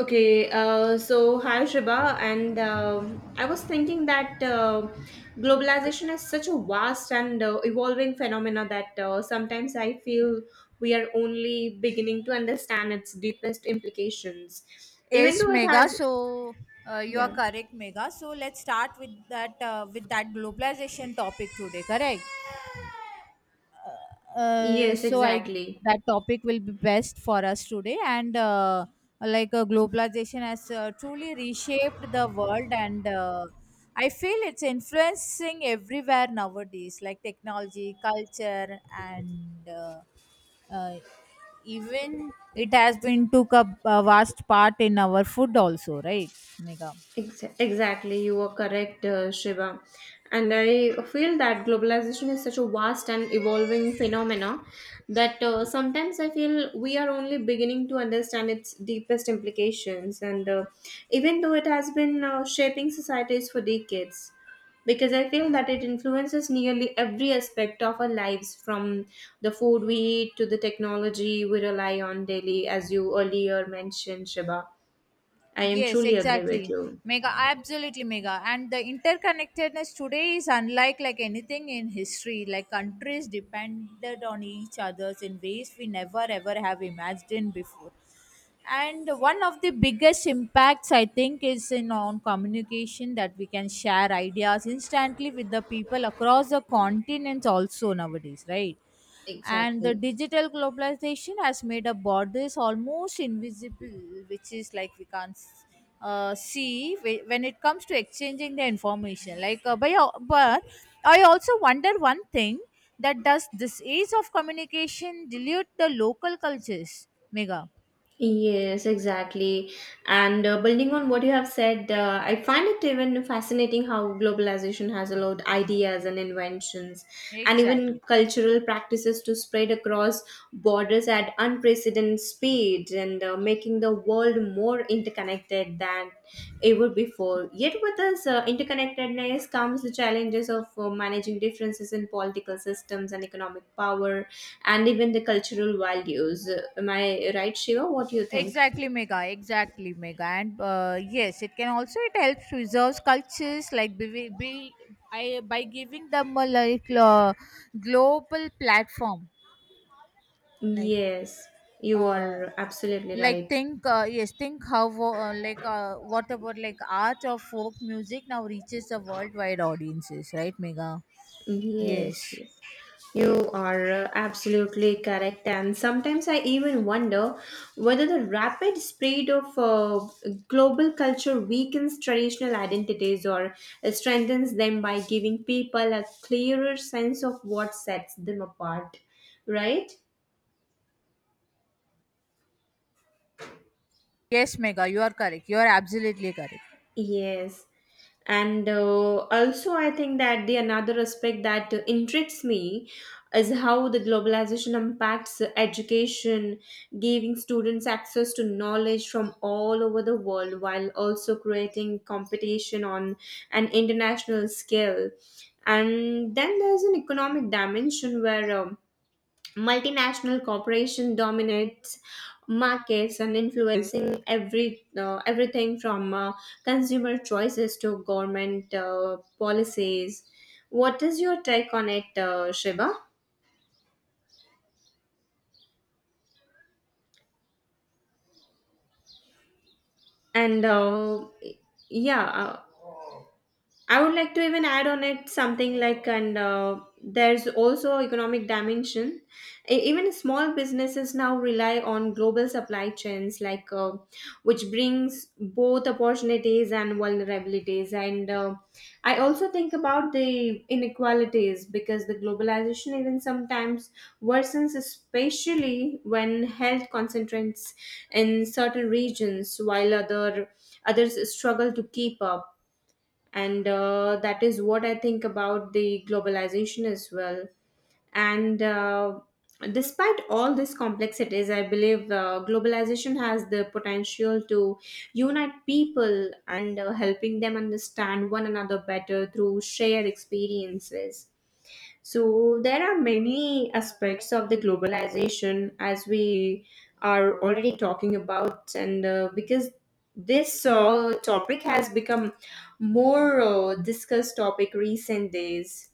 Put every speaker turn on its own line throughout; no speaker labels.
Okay, so hi Shriba, and I was thinking that globalization is such a vast and evolving phenomena that sometimes I feel we are only beginning to understand its deepest implications, even
Yes,
though it
Mega.
has,
So you are
yeah,
correct, Mega. So let's start with that globalization topic today. Correct. Uh,
yes,
so I guess
exactly.
that topic will be best for us today. And like Globalization has truly reshaped the world, and I feel it's influencing everywhere nowadays, like technology, culture, and uh, even it has been took up a vast part in our food also, right, Mega?
Exactly, you are correct, Shiva. And I feel that globalization is such a vast and evolving phenomena that sometimes I feel we are only beginning to understand its deepest implications. And Even though it has been shaping societies for decades, because I feel that it influences nearly every aspect of our lives from the food we eat to the technology we rely on daily, as you earlier mentioned, Shiva. I am
Yes,
truly agree with
exactly.
you.
Mega, absolutely mega. And the interconnectedness today is unlike anything in history. Like countries depended on each others in ways we never ever have imagined before. And one of the biggest impacts I think is in on communication, that we can share ideas instantly with the people across the continents also nowadays, right? And the
Exactly.
digital globalization has made a borders almost invisible, which is like we can't see when it comes to exchanging the information but I also wonder one thing, that does this age of communication dilute the local cultures, Mega?
Yes, exactly. And building on what you have said, I find it even fascinating how globalization has allowed ideas and inventions and even
Exactly.
cultural practices to spread across borders at unprecedented speed and making the world more interconnected than ever before. Yet, with this interconnectedness comes the challenges of managing differences in political systems and economic power, and even the cultural values. Am I right, Shiva? What do you think?
Exactly, Mega. Exactly, Mega. And yes, it can also, it helps preserves cultures by giving them a global platform. Like
Yes, you
uh,
are absolutely
like
right.
think Yes, think how, what about like art or folk music now reaches the worldwide audiences, right, Mega?
Yes,
Yes,
yes. You are absolutely correct. And sometimes I even wonder whether the rapid spread of global culture weakens traditional identities or strengthens them by giving people a clearer sense of what sets them apart, right?
yes, Mega, you are correct. You are absolutely correct.
Yes. And also, I think that the another aspect that intrigues me is how the globalization impacts education, giving students access to knowledge from all over the world while also creating competition on an international scale. And then there's an economic dimension where multinational corporation dominates markets and influencing everything from consumer choices to government policies. What is your take on it, Shiva? And yeah uh, I would like to even add on it something like, and there's also economic dimension. Even small businesses now rely on global supply chains, like which brings both opportunities and vulnerabilities. And I also think about the inequalities because the globalization even sometimes worsens, especially when health concentrates in certain regions while others struggle to keep up, and that is what I think about the globalization as well. And despite all these complexities, I believe globalization has the potential to unite people and helping them understand one another better through shared experiences. So there are many aspects of the globalization as we are already talking about, and because this topic has become more discussed topic recent days,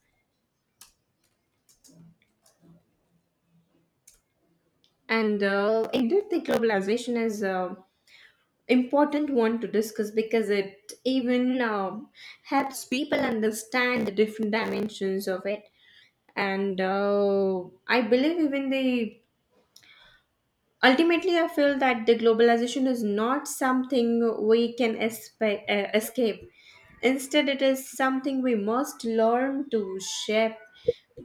and indeed the globalization is a important one to discuss because it even helps people understand the different dimensions of it, and I believe even the Ultimately, I feel that the globalization is not something we can escape. Instead, it is something we must learn to shape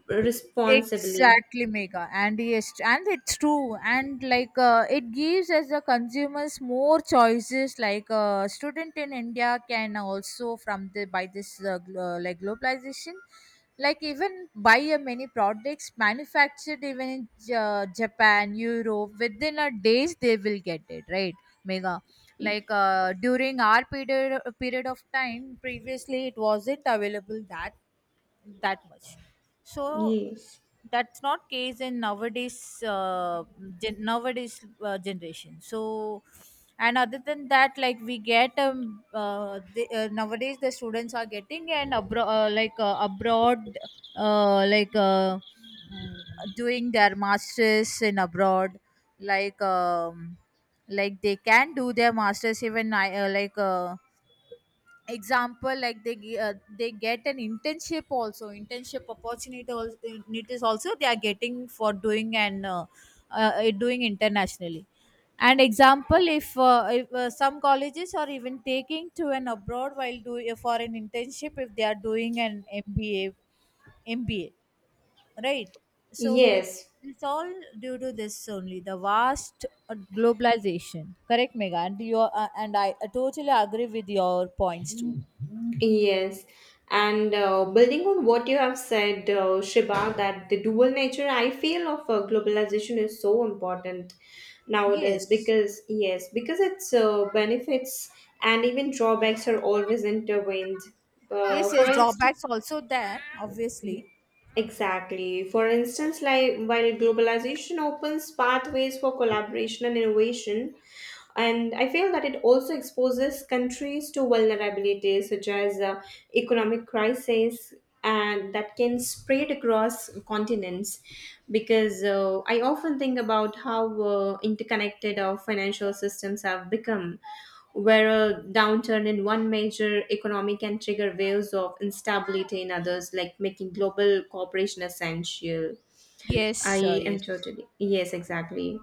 responsibly.
Exactly, Mega. And yes, and it's true. And it gives us the consumers more choices, like a student in India can also from the by this globalization, like even buy many products manufactured even in Japan, Europe within a days they will get it, right, Mega? During our period of time previously it wasn't available that that much. So
Yes.
that's not case in nowadays nowadays generation. So and other than that, like we get nowadays the students are getting and abro- like abroad, uh, like uh, mm, doing their masters in abroad. like um, like they can do their masters even I, like example, like they they get an internship also, internship opportunity also, opportunities also they are getting for doing and doing internationally. And example, if some colleges are even taking to an abroad while doing for an internship, if they are doing an MBA. MBA, right? So
Yes.
it's all due to this only, the vast globalization. Correct, Mega. And I totally agree with your points too.
Yes, and building on what you have said, Shiba, that the dual nature I feel of globalization is so important nowadays
Yes,
because, yes, because its benefits and even drawbacks are always intertwined.
yes,
For
yes.
instance,
Drawbacks also there, obviously.
exactly. For instance, like while globalization opens pathways for collaboration and innovation, and I feel that it also exposes countries to vulnerabilities such as economic crisis and that can spread across continents, because I often think about how interconnected our financial systems have become, where a downturn in one major economy can trigger waves of instability in others, like making global cooperation essential. I
Yes,
am
yes.
totally. Yes, exactly.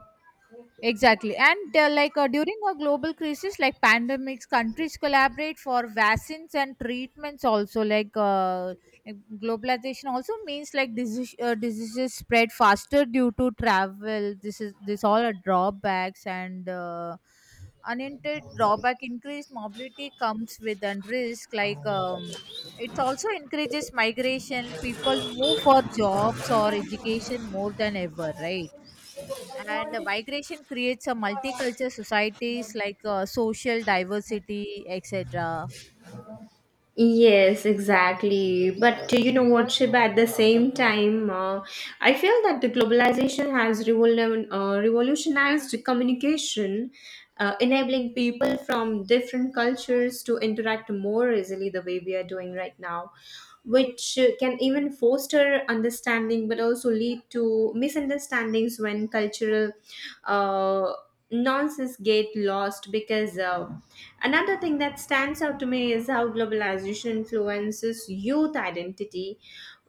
Exactly. And during a global crisis like pandemics, countries collaborate for vaccines and treatments also. Globalization also means like diseases spread faster due to travel. This is, this all are drawbacks, and unintended drawback, increased mobility comes with and risk it also encourages migration. People move for jobs or education more than ever, right? And the migration creates a multicultural societies like social diversity, etc.
Yes, exactly. But you know what, Shiba? At the same time, I feel that the globalization has revolutionized communication, enabling people from different cultures to interact more easily the way we are doing right now, which can even foster understanding but also lead to misunderstandings when cultural uh, nonsense get lost because. Another thing that stands out to me is how globalization influences youth identity,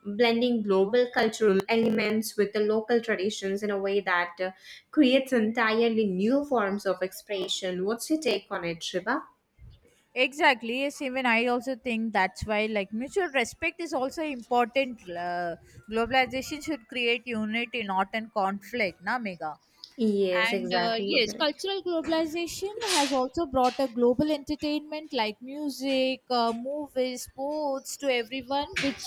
blending global cultural elements with the local traditions in a way that creates entirely new forms of expression. What's your take on it, Shiva?
Exactly. Yes, even I also think that's why like mutual respect is also important. Globalization should create unity, not in conflict. Na, Mega.
Yes,
And
exactly. You're
yes,
correct.
cultural globalization has also brought a global entertainment like music, movies, sports to everyone,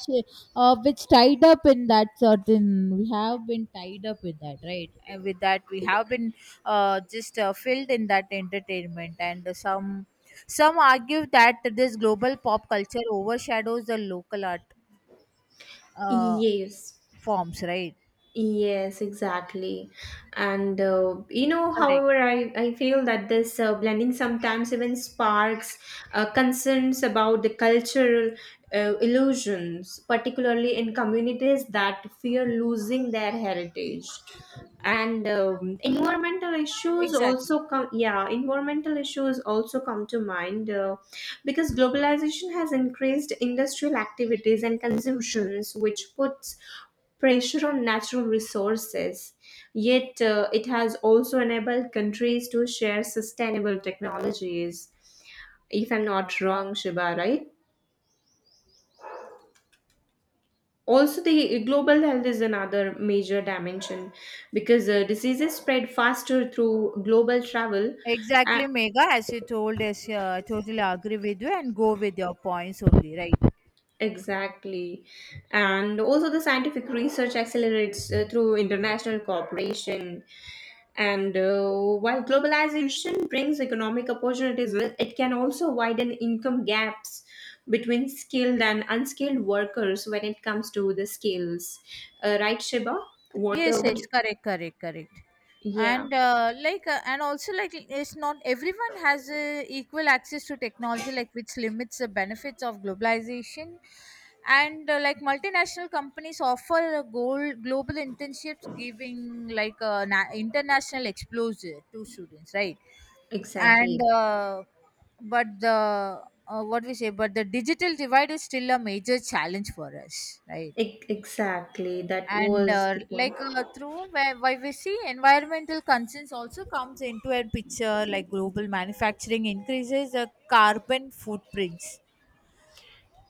which tied up in that certain. We have been tied up with that, right? And with that, we have been just filled in that entertainment, and some argue that this global pop culture overshadows the local art uh,
Yes.
forms, right?
Yes, exactly. And you know,
Correct.
however, I feel that this blending sometimes even sparks concerns about the cultural illusions, particularly in communities that fear losing their heritage, and environmental issues
Exactly.
also come yeah, environmental issues also come to mind, because globalization has increased industrial activities and consumptions which puts pressure on natural resources. Yet it has also enabled countries to share sustainable technologies, if I'm not wrong, Shiba, right? Also the global health is another major dimension, because diseases spread faster through global travel. A-
Exactly, Mega, as you told us, I totally agree with you and go with your points only, right?
exactly. And also the scientific research accelerates through international cooperation, and while globalization brings economic opportunities well, it can also widen income gaps between skilled and unskilled workers when it comes to the skills, right Shiba? What
Yes,
would
yes,
you?
correct, correct, correct.
Yeah.
And also like, it's not everyone has equal access to technology, like which limits the benefits of globalization. And multinational companies offer a goal, global internships, giving like a international exposure to students, right? and
Exactly.
but the what we say but the digital divide is still a major challenge for us, right?
Exactly. That
And
was the point.
where we see environmental concerns also comes into a picture, like global manufacturing increases the carbon footprints.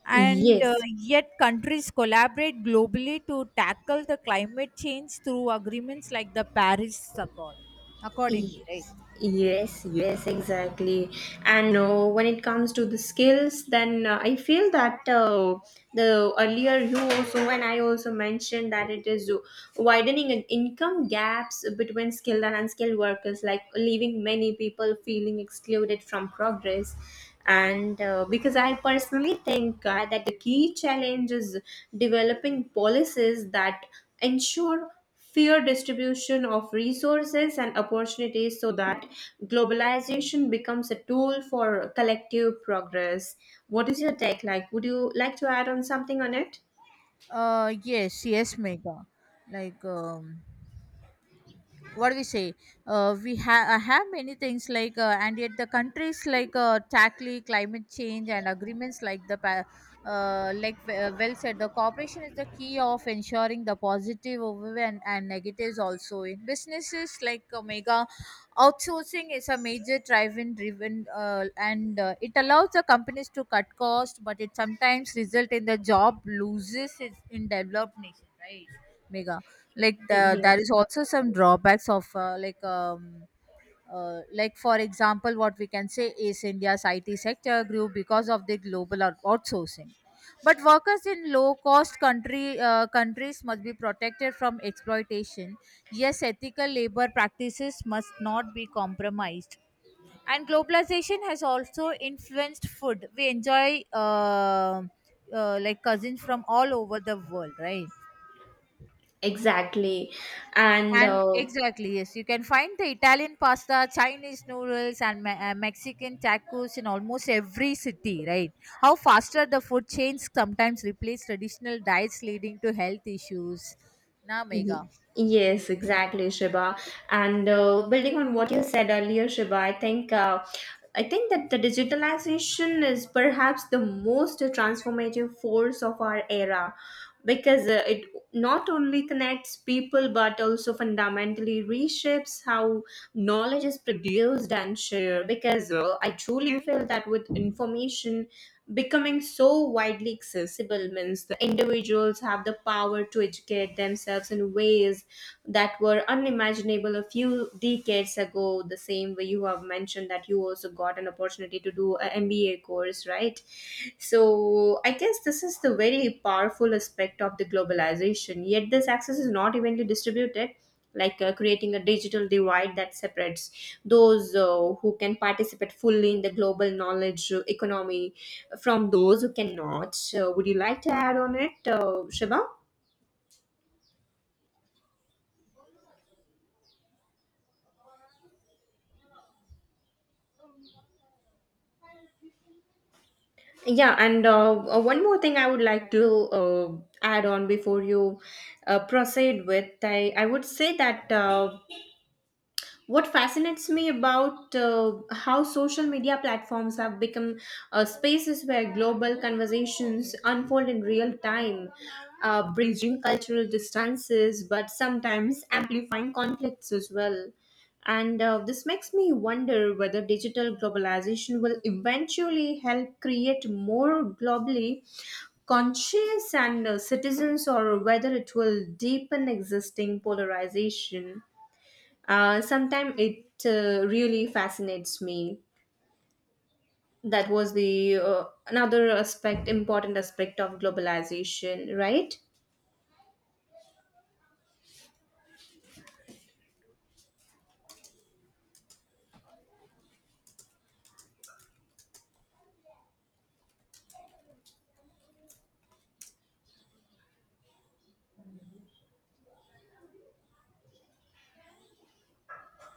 And
Yes,
yet countries collaborate globally to tackle the climate change through agreements like the Paris Accord
Y-
accordingly, right?
yes, yes, exactly. And when it comes to the skills, then I feel that the earlier you also and I also mentioned that it is widening an income gaps between skilled and unskilled workers, like leaving many people feeling excluded from progress. And because I personally think that the key challenge is developing policies that ensure fair distribution of resources and opportunities so that globalization becomes a tool for collective progress. What is your take, like would you like to add on something on it?
Yes, yes, Mega. Like um, what do we say we ha- Have many things and yet the countries tackle climate change and agreements like the well said, the cooperation is the key of ensuring the positive over and negatives also in businesses like, Omega. Outsourcing is a major driven, and it allows the companies to cut costs, but it sometimes result in the job loses is in developed nation, right? Mega. Like the, there
Yes,
is also some drawbacks of like for example what we can say is India's IT sector grew because of the global outsourcing. But workers in low cost country countries must be protected from exploitation. Yes, ethical labor practices must not be compromised. And globalization has also influenced food we enjoy, like cousins from all over the world, right?
exactly. And
And exactly, yes, you can find the Italian pasta, Chinese noodles, and Mexican tacos in almost every city, right? How faster the food chains sometimes replace traditional diets, leading to health issues. Na,
y-
Mega.
yes, exactly, Shiba. And building on what you said earlier, Shiba, I think that the digitalization is perhaps the most transformative force of our era, because it not only connects people but also fundamentally reshapes how knowledge is produced and shared, because I truly feel that with information becoming so widely accessible means the individuals have the power to educate themselves in ways that were unimaginable a few decades ago, the same way you have mentioned that you also got an opportunity to do a MBA course, right? So I guess this is the very powerful aspect of the globalization. Yet this access is not evenly distributed, like creating a digital divide that separates those who can participate fully in the global knowledge economy from those who cannot. So would you like to add on it, Shiva? Yeah, and one more thing I would like to add on before you proceed with, I would say that what fascinates me about how social media platforms have become spaces where global conversations unfold in real time, bridging cultural distances but sometimes amplifying conflicts as well. And this makes me wonder whether digital globalization will eventually help create more globally conscious and citizens or whether it will deepen existing polarization. Sometimes it really fascinates me. That was the another aspect, important aspect of globalization, right?